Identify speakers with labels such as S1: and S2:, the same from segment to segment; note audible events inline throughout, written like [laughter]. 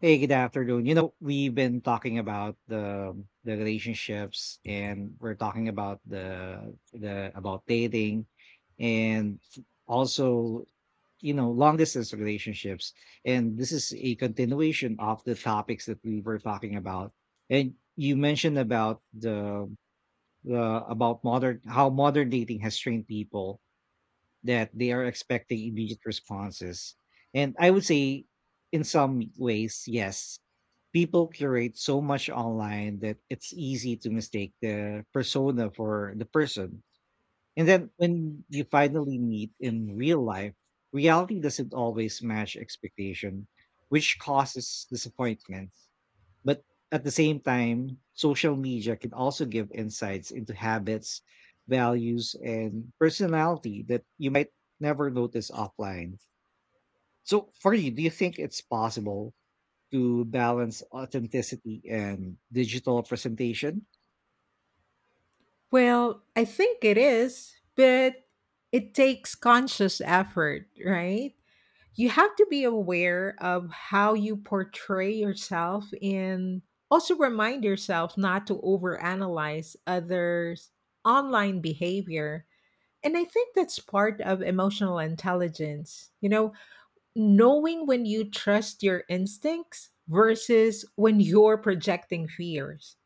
S1: Hey, good afternoon. We've been talking about the relationships and we're talking about the about dating and also, long distance relationships. And this is a continuation of the topics that we were talking about. And you mentioned about the about modern how modern dating has trained people that they are expecting immediate responses. And I would say, in some ways, yes, people curate so much online that it's easy to mistake the persona for the person. And then when you finally meet in real life, reality doesn't always match expectation, which causes disappointment. But at the same time, social media can also give insights into habits, values, and personality that you might never notice offline. So, for you, do you think it's possible to balance authenticity and digital presentation?
S2: Well, I think it is, but it takes conscious effort, right? You have to be aware of how you portray yourself and also remind yourself not to overanalyze others' online behavior. And I think that's part of emotional intelligence. Knowing when you trust your instincts versus when you're projecting fears.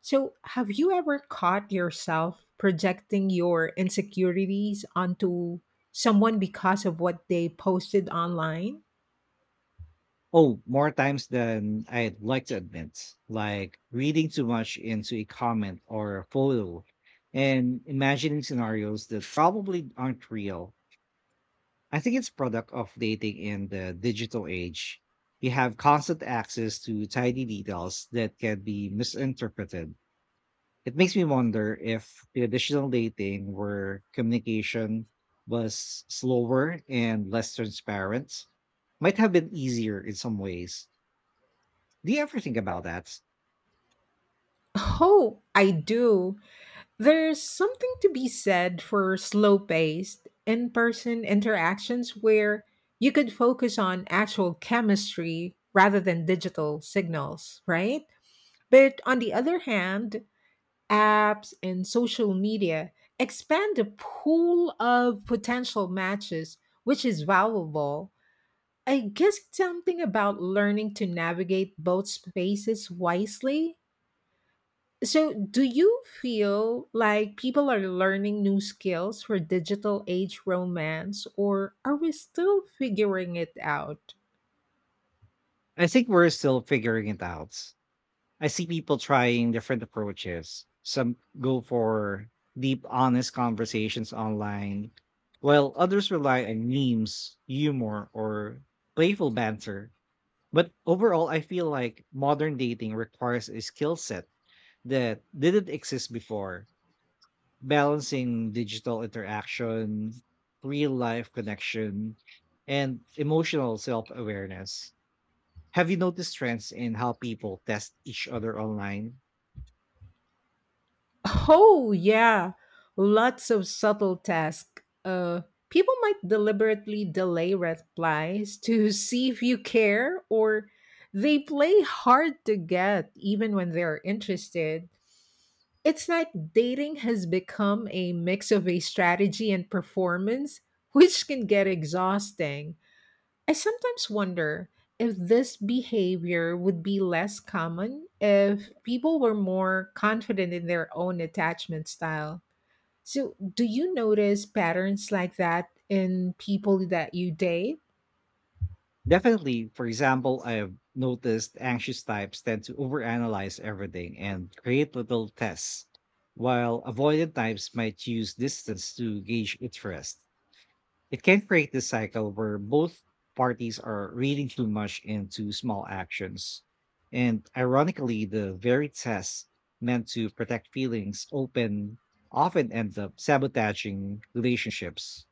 S2: So, have you ever caught yourself projecting your insecurities onto someone because of what they posted online?
S1: Oh, more times than I'd like to admit, like reading too much into a comment or a photo and imagining scenarios that probably aren't real. I think it's product of dating in the digital age. You have constant access to tiny details that can be misinterpreted. It makes me wonder if traditional dating where communication was slower and less transparent might have been easier in some ways. Do you ever think about that?
S2: Oh, I do. There's something to be said for slow paced, in person interactions where you could focus on actual chemistry rather than digital signals, right? But on the other hand, apps and social media expand the pool of potential matches, which is valuable. I guess it's something about learning to navigate both spaces wisely. So, do you feel like people are learning new skills for digital age romance, or are we still figuring it out?
S1: I think we're still figuring it out. I see people trying different approaches. Some go for deep, honest conversations online, while others rely on memes, humor, or playful banter. But overall, I feel like modern dating requires a skill set that didn't exist before, balancing digital interaction, real life connection, and emotional self awareness. Have you noticed trends in how people test each other online?
S2: [laughs] Oh, yeah, lots of subtle tasks. People might deliberately delay replies to [laughs] see if you care, or they play hard to get even when they're interested. It's like dating has become a mix of a strategy and performance, which can get exhausting. I sometimes wonder if this behavior would be less common if people were more confident in their own attachment style. So, do you notice patterns like that in people that you date?
S1: Definitely. For example, I've noticed anxious types tend to overanalyze everything and create little tests, while avoidant types might use distance to gauge interest. It can create this cycle where both parties are reading too much into small actions. And ironically, the very tests meant to protect feelings open often end up sabotaging relationships.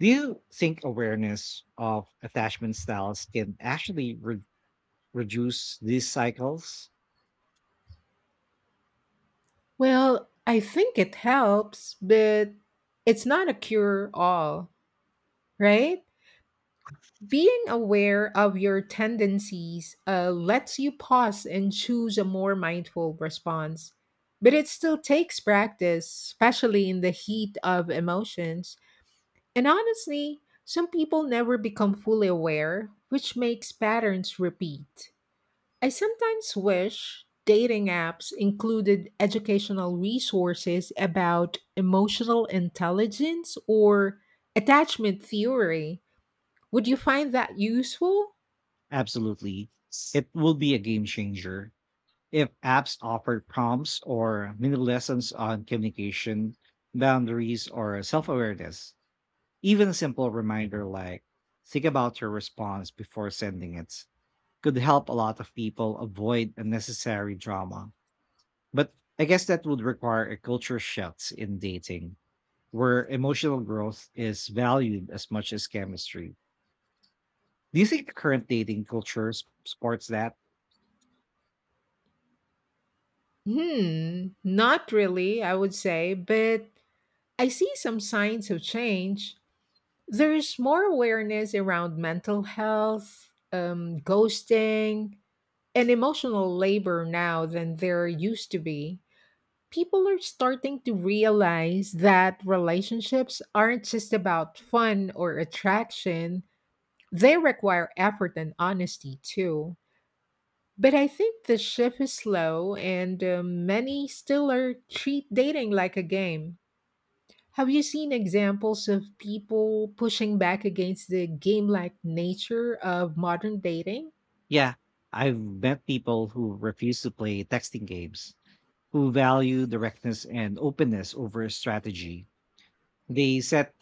S1: Do you think awareness of attachment styles can actually reduce these cycles?
S2: Well, I think it helps, but it's not a cure all, right? Being aware of your tendencies lets you pause and choose a more mindful response. But it still takes practice, especially in the heat of emotions. And honestly, some people never become fully aware, which makes patterns repeat. I sometimes wish dating apps included educational resources about emotional intelligence or attachment theory. Would you find that useful?
S1: Absolutely. It will be a game changer. If apps offer prompts or mini lessons on communication, boundaries, or self awareness, even a simple reminder like, think about your response before sending it, could help a lot of people avoid unnecessary drama. But I guess that would require a culture shift in dating where emotional growth is valued as much as chemistry. Do you think the current dating culture supports that?
S2: Hmm, not really, I would say, but I see some signs of change. There's more awareness around mental health, ghosting, and emotional labor now than there used to be. People are starting to realize that relationships aren't just about fun or attraction, they require effort and honesty too. But I think the shift is slow, and many still are treat dating like a game. Have you seen examples of people pushing back against the game-like nature of modern dating? [laughs]
S1: Yeah, I've met people who refuse to play texting games, who value directness and openness over strategy. They set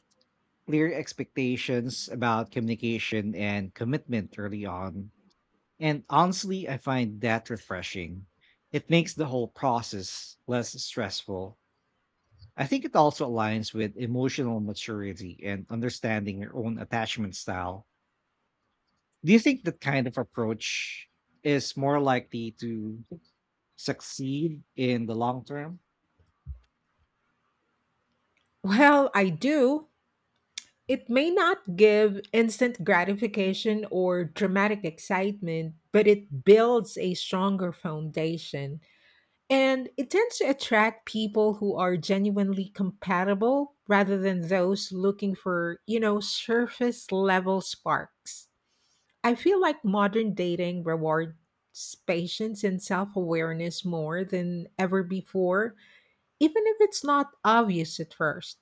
S1: clear expectations about communication and commitment early on. And honestly, I find that refreshing. It makes the whole process less stressful. I think it also aligns with emotional maturity and understanding your own attachment style. Do you think that kind of approach is more likely to succeed in the long term?
S2: Well, I do. It may not give instant gratification or dramatic excitement, but it builds a stronger foundation. And it tends to attract people who are genuinely compatible rather than those looking for, surface level sparks. I feel like modern dating rewards patience and self awareness more than ever before, even if it's not obvious at first.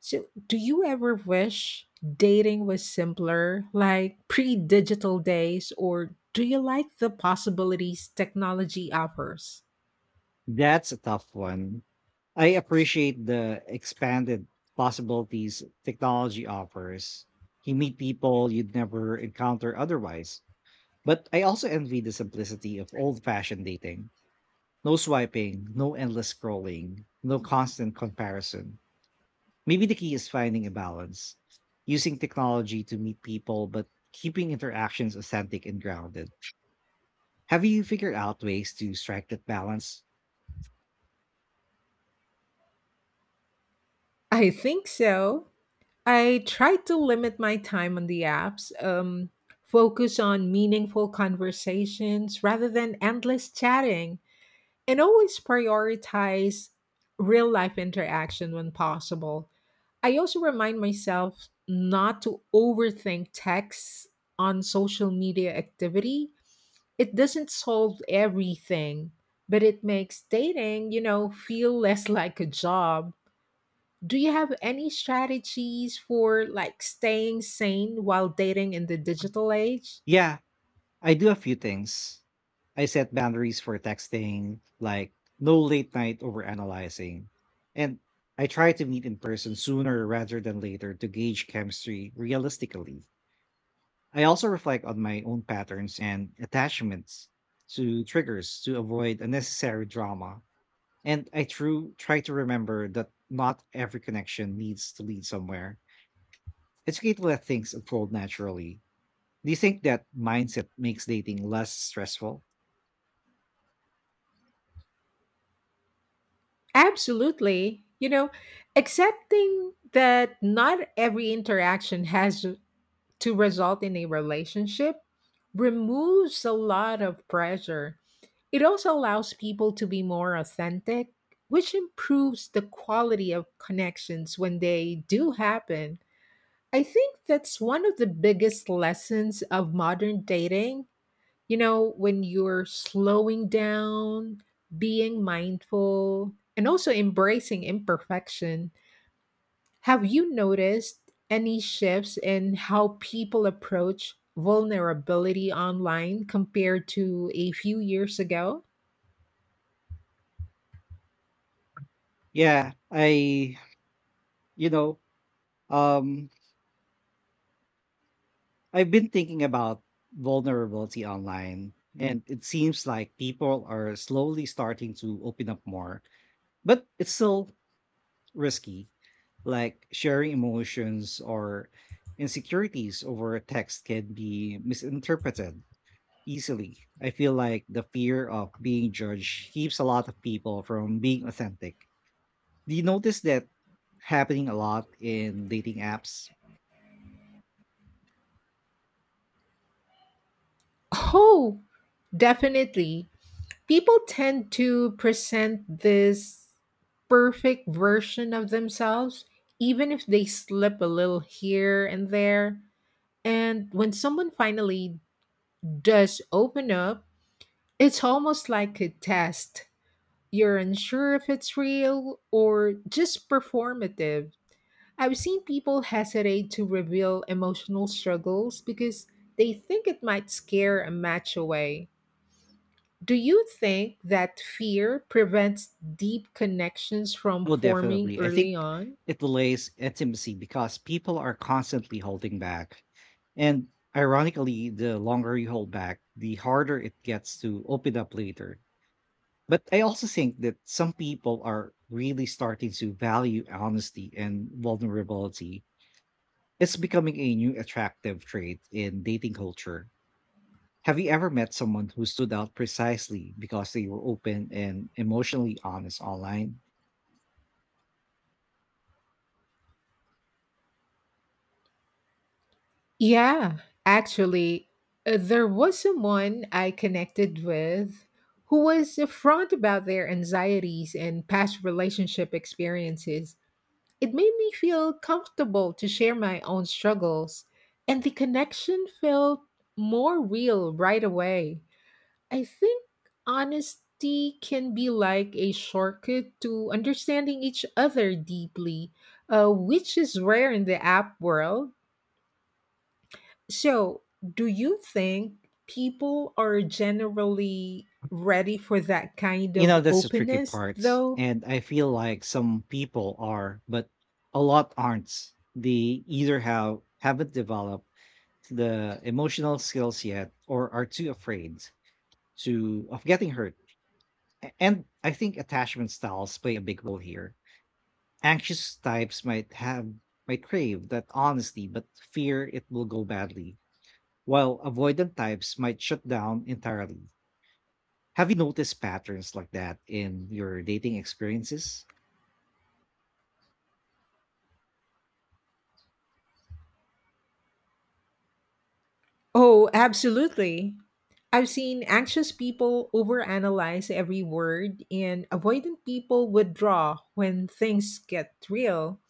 S2: So, do you ever wish dating was simpler, like pre digital days, or do you like the possibilities technology offers?
S1: That's a tough one. I appreciate the expanded possibilities technology offers. You meet people you'd never encounter otherwise. But I also envy the simplicity of old fashioned dating, no swiping, no endless scrolling, no constant comparison. Maybe the key is finding a balance, using technology to meet people, but keeping interactions authentic and grounded. Have you figured out ways to strike that balance?
S2: I think so. I try to limit my time on the apps, focus on meaningful conversations rather than endless chatting, and always prioritize real life interaction when possible. I also remind myself not to overthink texts on social media activity. It doesn't solve everything, but it makes dating, feel less like a job. Do you have any strategies for like staying sane while dating in the digital age?
S1: Yeah, I do a few things. I set boundaries for texting, like no late night overanalyzing. And I try to meet in person sooner rather than later to gauge chemistry realistically. I also reflect on my own patterns and attachments to triggers to avoid unnecessary drama. And I true try to remember that not every connection needs to lead somewhere. It's okay to let things unfold naturally. Do you think that mindset makes dating less stressful?
S2: Absolutely. Accepting that not every interaction has to result in a relationship removes a lot of pressure. It also allows people to be more authentic, which improves the quality of connections when they do happen. I think that's one of the biggest lessons of modern dating. When you're slowing down, being mindful, and also embracing imperfection. Have you noticed any shifts in how people approach vulnerability online compared to a few years ago?
S1: Yeah, I you know, um I've been thinking about vulnerability online and it seems like people are slowly starting to open up more, but it's still risky. Like sharing emotions or insecurities over a text can be misinterpreted easily. I feel like the fear of being judged keeps a lot of people from being authentic. Do you notice that happening a lot in dating apps?
S2: Oh, definitely. People tend to present this perfect version of themselves, even if they slip a little here and there. And when someone finally does open up, it's almost like a test. You're unsure if it's real or just performative. I've seen people hesitate to reveal emotional struggles because they think it might scare a match away. Do you think that fear prevents deep connections from
S1: Well,
S2: forming
S1: definitely. I
S2: early
S1: think
S2: on?
S1: it delays intimacy because people are constantly holding back. And ironically, the longer you hold back, the harder it gets to open up later. But I also think that some people are really starting to value honesty and vulnerability. It's becoming a new attractive trait in dating culture. Have you ever met someone who stood out precisely because they were open and emotionally honest online?
S2: Yeah, actually, there was someone I connected with who was upfront about their anxieties and past relationship experiences. It made me feel comfortable to share my own struggles, and the connection felt more real right away. I think honesty can be like a shortcut to understanding each other deeply, which is rare in the app world. So, do you think people are generally ready for that kind
S1: You
S2: of
S1: know, that's the tricky
S2: openness,
S1: part.
S2: though?
S1: And I feel like some people are, but a lot aren't. They either haven't developed the emotional skills yet or are too afraid to of getting hurt. And I think attachment styles play a big role here. Anxious types might have might crave that honesty but fear it will go badly, while avoidant types might shut down entirely. Have you noticed patterns like that in your dating experiences?
S2: Oh, absolutely. I've seen anxious people overanalyze every word, and avoidant people withdraw when things get real.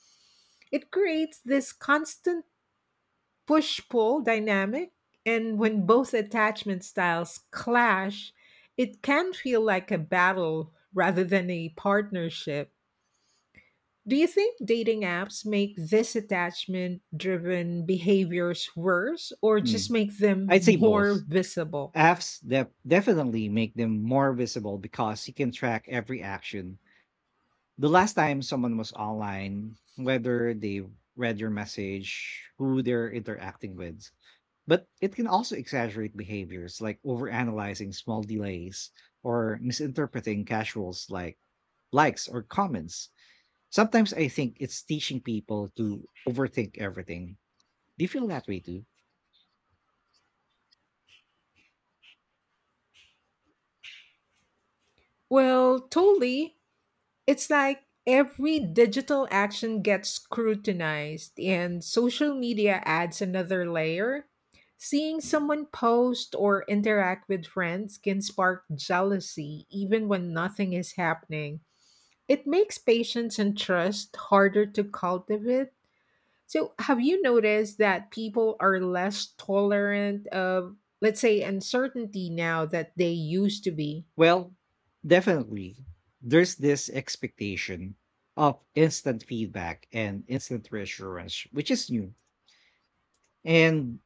S2: It creates this constant push pull dynamic, and when both attachment styles clash, it can feel like a battle rather than a partnership. Do you think dating apps make this attachment driven behaviors worse or just
S1: Mm.
S2: make them
S1: I'd say
S2: more
S1: both.
S2: visible?
S1: Apps definitely make them more visible because you can track every action. The last time someone was online, whether they read your message, who they're interacting with. But it can also exaggerate behaviors like overanalyzing small delays or misinterpreting casuals like likes or comments. Sometimes I think it's teaching people to overthink everything. Do you feel that way too?
S2: Well, totally. It's like every digital action gets scrutinized, and social media adds another layer. Seeing someone post or interact with friends can spark jealousy even when nothing is happening. It makes patience and trust harder to cultivate. So, have you noticed that people are less tolerant of, let's say, uncertainty now that they used to be?
S1: Well, definitely. There's this expectation of instant feedback and instant reassurance, which is new. And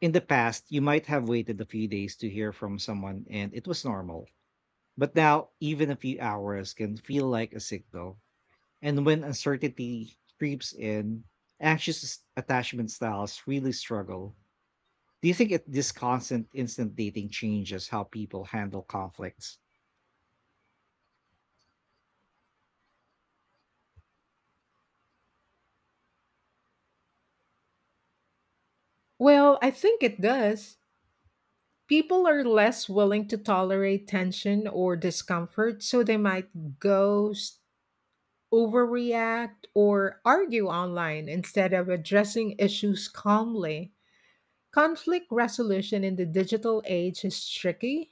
S1: in the past, you might have waited a few days to hear from someone and it was normal. But now, even a few hours can feel like a signal. And when uncertainty creeps in, anxious attachment styles really struggle. Do you think it, This constant instant dating changes how people handle conflicts?
S2: Well, I think it does. People are less willing to tolerate tension or discomfort, so they might ghost, overreact, or argue online instead of addressing issues calmly. Conflict resolution in the digital age is tricky.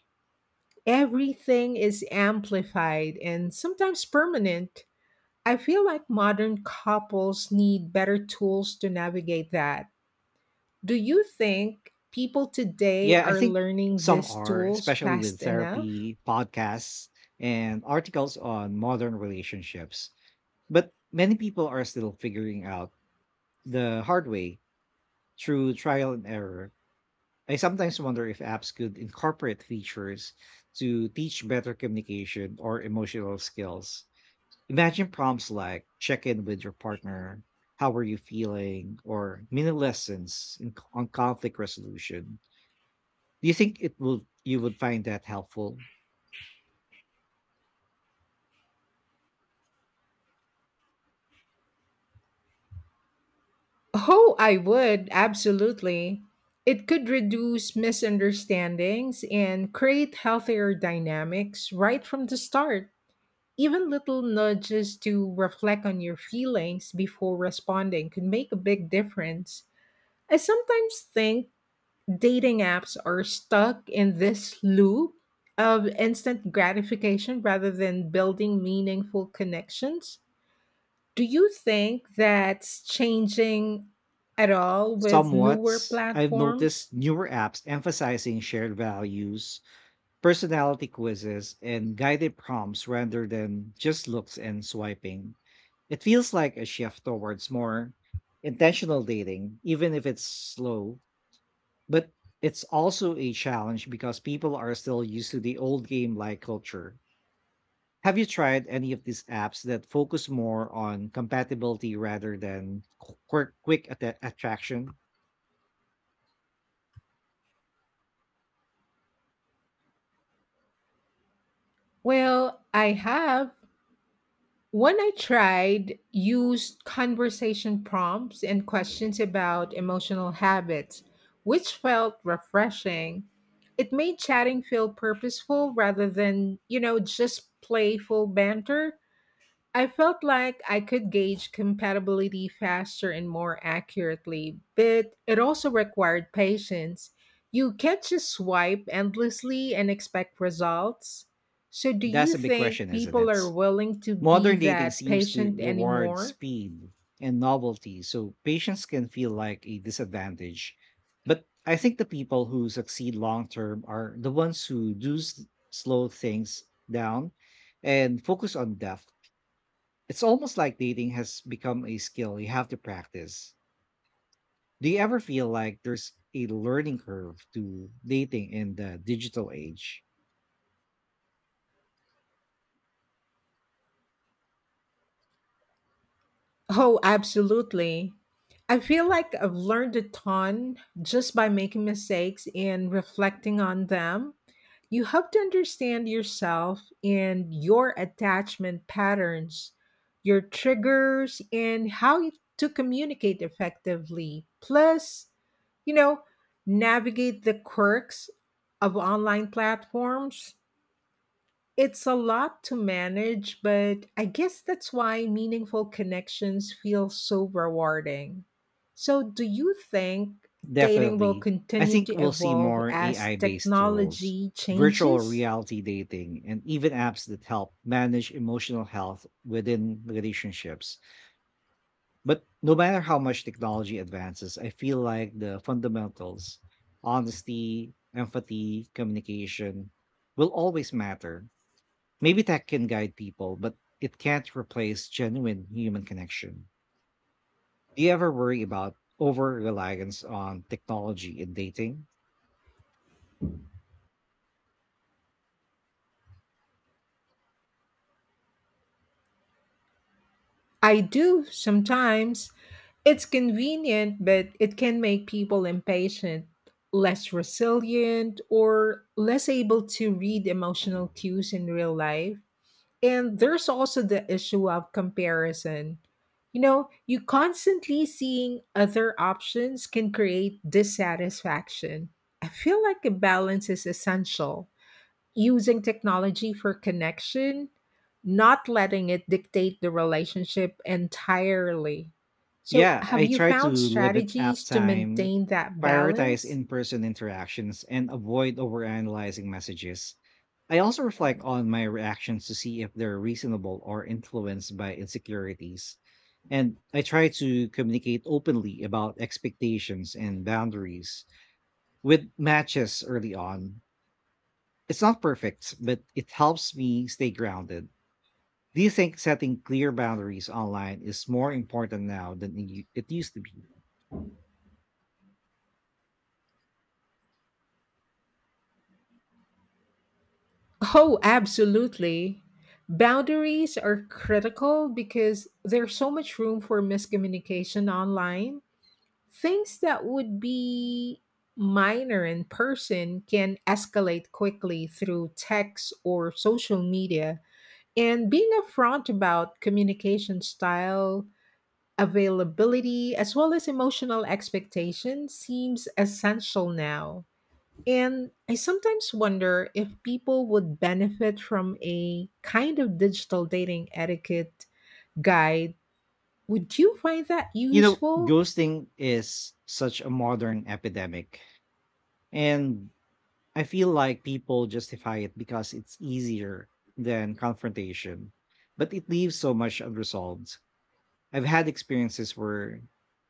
S2: Everything is amplified and sometimes permanent. I feel like modern couples need better tools to navigate that. Do you think people today
S1: Yeah, I
S2: are
S1: think
S2: learning
S1: some
S2: these
S1: are,
S2: tools
S1: especially with
S2: fast enough?
S1: therapy, podcasts, and articles on modern relationships. But many people are still figuring out the hard way through trial and error. I sometimes wonder if apps could incorporate features to teach better communication or emotional skills. Imagine prompts like check in with your partner, how are you feeling, or mini lessons on conflict resolution. Do you think it will You would find that helpful?
S2: Oh, I would, absolutely. It could reduce misunderstandings and create healthier dynamics right from the start. Even little nudges to reflect on your feelings before responding could make a big difference. I sometimes think dating apps are stuck in this loop of instant gratification rather than building meaningful connections. Do you think that's changing at all with newer
S1: Somewhat. I've
S2: platforms?
S1: noticed newer apps emphasizing shared values, personality quizzes, and guided prompts rather than just looks and swiping. It feels like a shift towards more intentional dating, even if it's slow. But it's also a challenge because people are still used to the old game like culture. Have you tried any of these apps that focus more on compatibility rather than quick attraction?
S2: Well, I have. One I tried used conversation prompts and questions about emotional habits, which felt refreshing. It made chatting feel purposeful rather than, just playful banter. I felt like I could gauge compatibility faster and more accurately, but it also required patience. You can't just swipe endlessly and expect results. So, do
S1: That's
S2: you
S1: a big question,
S2: think
S1: isn't
S2: people
S1: it?
S2: are willing to be
S1: Modern dating
S2: that
S1: seems to
S2: patient
S1: reward
S2: anymore?
S1: speed and novelty, so patience can feel like a disadvantage. But I think the people who succeed long term are the ones who do slow things down and focus on depth. It's almost like dating has become a skill you have to practice. Do you ever feel like there's a learning curve to dating in the digital age?
S2: Oh, absolutely. I feel like I've learned a ton just by making mistakes and reflecting on them. You have to understand yourself and your attachment patterns, your triggers, and to communicate effectively. Plus, you know, navigate the quirks of online platforms. It's a lot to manage, but I guess that's why meaningful connections feel so rewarding. So, do you think dating will
S1: Definitely. I
S2: continue
S1: think
S2: to
S1: we'll see
S2: evolve
S1: more
S2: as
S1: AI based tools,
S2: technology
S1: virtual
S2: changes?
S1: reality dating, and even apps that help manage emotional health within relationships. But no matter how much technology advances, I feel like the fundamentals, honesty, empathy, communication, will always matter. Maybe tech can guide people, but it can't replace genuine human connection. Do you ever worry about over reliance on technology in dating?
S2: I do sometimes. It's convenient, but it can make people impatient, less resilient, or less able to read emotional cues in real life. And there's also the issue of comparison. You constantly seeing other options can create dissatisfaction. I feel like a balance is essential, using technology for connection, not letting it dictate the relationship entirely. So,
S1: Yeah,
S2: have
S1: I
S2: you
S1: try to
S2: found
S1: limit app
S2: strategies to
S1: time,
S2: maintain that
S1: prioritize
S2: balance?
S1: in person interactions, and avoid overanalyzing messages. I also reflect on my reactions to see if they're reasonable or influenced by insecurities. And I try to communicate openly about expectations and boundaries with matches early on. It's not perfect, but it helps me stay grounded. Do you think setting clear boundaries online is more important now than it used to be?
S2: Oh, absolutely. Boundaries are critical because there's so much room for miscommunication online. Things that would be minor in person can escalate quickly through text or social media. And being upfront about communication style, availability, as well as emotional expectation seems essential now. And I sometimes wonder if people would benefit from a kind of digital dating etiquette guide. Would you find that
S1: You know,
S2: useful?
S1: ghosting is such a modern epidemic, and I feel like people justify it because it's easier than confrontation, but it leaves so much unresolved. I've had experiences where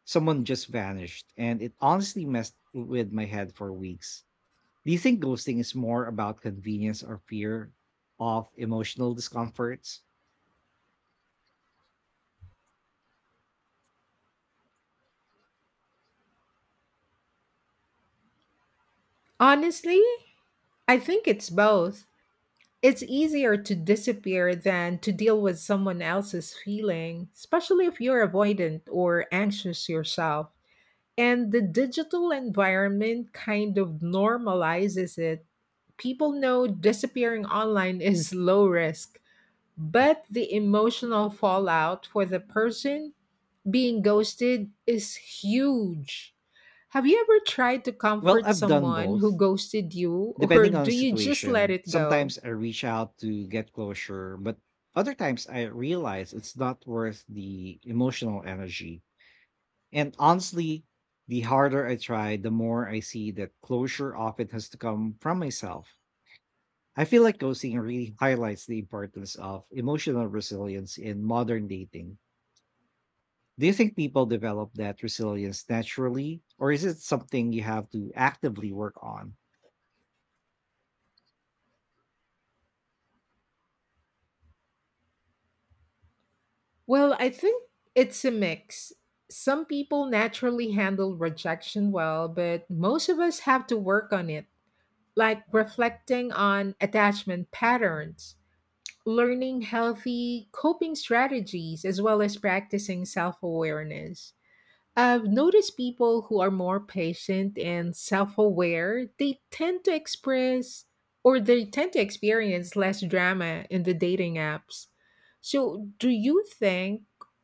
S1: someone just vanished, and it honestly messed with my head for weeks. Do you think ghosting is more about convenience or fear of emotional discomforts?
S2: Honestly, I think it's both. It's easier to disappear than to deal with someone else's feeling, especially if you're avoidant or anxious yourself. And the digital environment kind of normalizes it. People know disappearing online [laughs] is low risk, but the emotional fallout for the person being ghosted is huge. Have you ever tried to
S1: Well,
S2: comfort
S1: I've done
S2: someone who
S1: both,
S2: ghosted you, [laughs] or
S1: depending on the
S2: do you just let
S1: situation.
S2: it go?
S1: Sometimes I reach out to get closure, but other times I realize it's not worth the emotional energy. And honestly, the harder I try, the more I see that closure often has to come from myself. I feel like ghosting really highlights the importance of emotional resilience in modern dating. Do you think people develop that resilience naturally, or is it something you have to actively work on?
S2: Well, I think it's a mix. Some people naturally handle rejection well, but most of us have to work on it, like reflecting on attachment patterns, learning healthy coping strategies, as well as practicing self awareness. I've noticed people who are more patient and self aware, they tend to express or they tend to experience less drama in the dating apps. So, do you think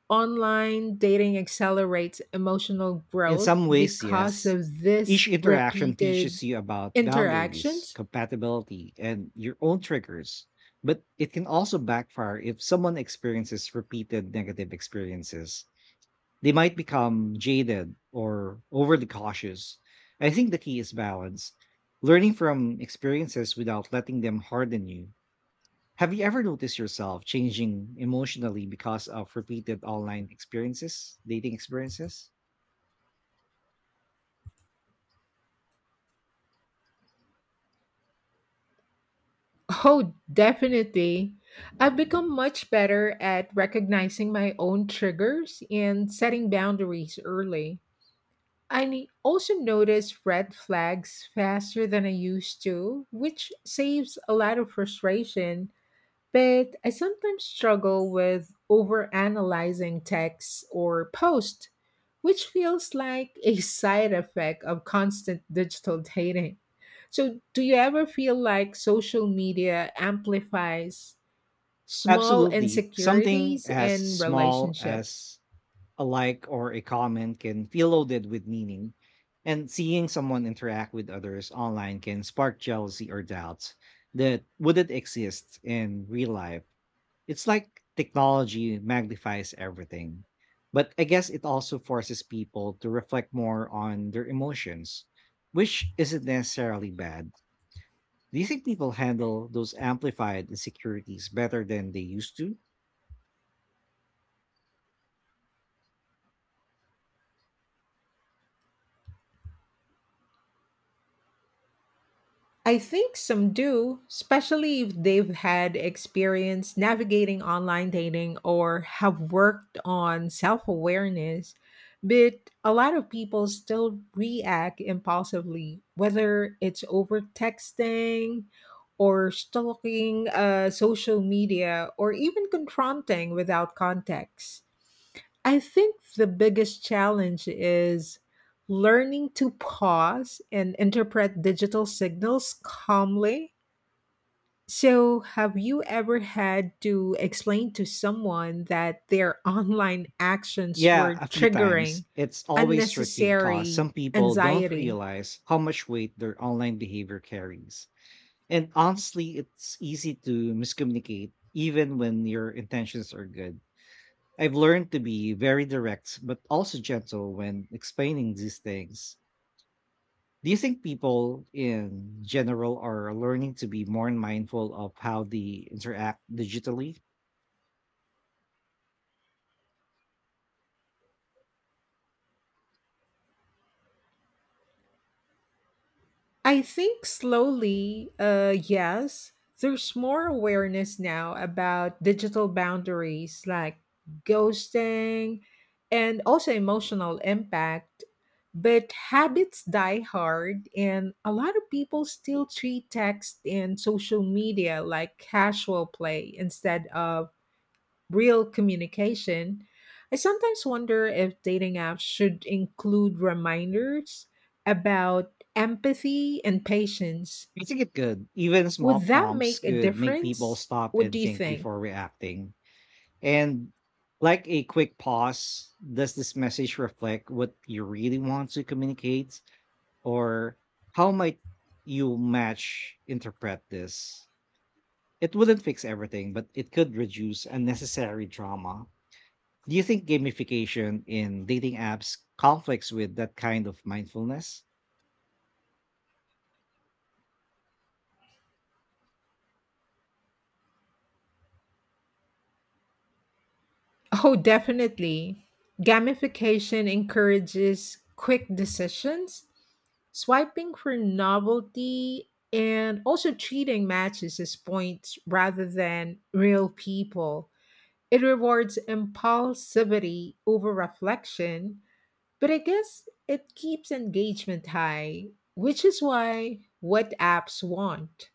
S2: online dating accelerates emotional
S1: In
S2: growth
S1: some ways,
S2: because
S1: yes.
S2: of
S1: Each
S2: this
S1: interaction
S2: repeated
S1: teaches you about boundaries,
S2: interactions?
S1: compatibility, and your own triggers, but it can also backfire if someone experiences repeated negative experiences. They might become jaded or overly cautious. I think the key is balance, learning from experiences without letting them harden you. Have you ever noticed yourself changing emotionally because of repeated online experiences, dating experiences?
S2: Oh, definitely. I've become much better at recognizing my own triggers and setting boundaries early. I also notice red flags faster than I used to, which saves a lot of frustration, but I sometimes struggle with overanalyzing texts or posts, which feels like a side effect of constant digital dating. So, do you ever feel like social media amplifies small
S1: Absolutely. Something
S2: insecurities
S1: as
S2: in
S1: small
S2: relationships?
S1: as a like or a comment can feel loaded with meaning, and seeing someone interact with others online can spark jealousy or doubts that wouldn't exist in real life. It's like technology magnifies everything. But I guess it also forces people to reflect more on their emotions, which isn't necessarily bad. Do you think people handle those amplified insecurities better than they used to?
S2: I think some do, especially if they've had experience navigating online dating or have worked on self awareness. But a lot of people still react impulsively, whether it's over texting or stalking social media or even confronting without context. I think the biggest challenge is learning to pause and interpret digital signals calmly. So, have you ever had to explain to someone that their [laughs] online actions
S1: Yeah,
S2: were
S1: a few
S2: triggering
S1: times. It's always tricky because
S2: unnecessary
S1: some people don't
S2: anxiety?
S1: realize how much weight their online behavior carries. And honestly, it's easy to miscommunicate even when your intentions are good. I've learned to be very direct but also gentle when explaining these things. Do you think people in general are learning to be more mindful of how they interact digitally?
S2: I think slowly, yes, there's more awareness now about digital boundaries like ghosting and also emotional impact. But habits die hard, and a lot of people still treat text and social media like casual play instead of real communication. I sometimes wonder if dating apps should include reminders about empathy and patience.
S1: I think it could. Even small
S2: Would that
S1: prompts
S2: make a
S1: could make people
S2: difference?
S1: stop
S2: What
S1: and
S2: do you
S1: think
S2: think?
S1: before
S2: [laughs]
S1: reacting. And like a quick pause, does this message reflect what you really want to communicate? Or how might you match interpret this? It wouldn't fix everything, but it could reduce unnecessary drama. Do you think gamification in dating apps conflicts with that kind of mindfulness?
S2: Oh, definitely. Gamification encourages quick decisions, swiping for novelty, and also treating matches as points rather than real people. It rewards impulsivity over reflection, but I guess it keeps engagement high, which is why what apps want.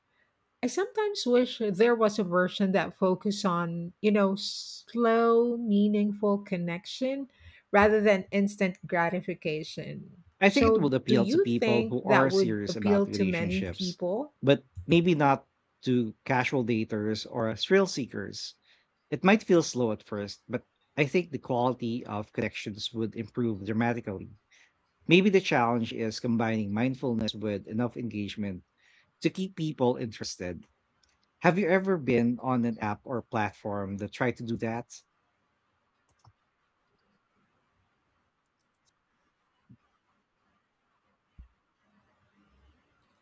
S2: I sometimes wish there was a version that focused on, slow, meaningful connection rather than instant gratification.
S1: I think it
S2: So,
S1: would
S2: do
S1: appeal to
S2: you
S1: people
S2: think
S1: who are
S2: that would
S1: serious about
S2: appeal to many
S1: relationships,
S2: people?
S1: but maybe not to casual daters or thrill seekers. It might feel slow at first, but I think the quality of connections would improve dramatically. Maybe the challenge is combining mindfulness with enough engagement to keep people interested. Have you ever been on an app or platform that tried to do that?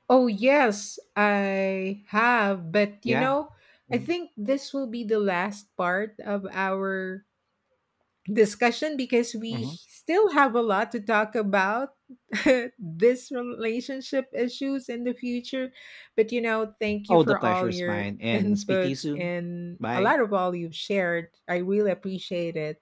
S2: Oh, yes, I have. But
S1: Yeah.
S2: I
S1: Mhm,
S2: think this will be the last part of our discussion because we
S1: mhm.
S2: still have a lot to talk about [laughs] this relationship issues in the future. But you know, thank you
S1: Oh, the
S2: for
S1: pleasure
S2: all
S1: is
S2: your
S1: mine, and speak to you
S2: inputs
S1: soon.
S2: and a
S1: Bye.
S2: lot of all you've shared. I really appreciate it.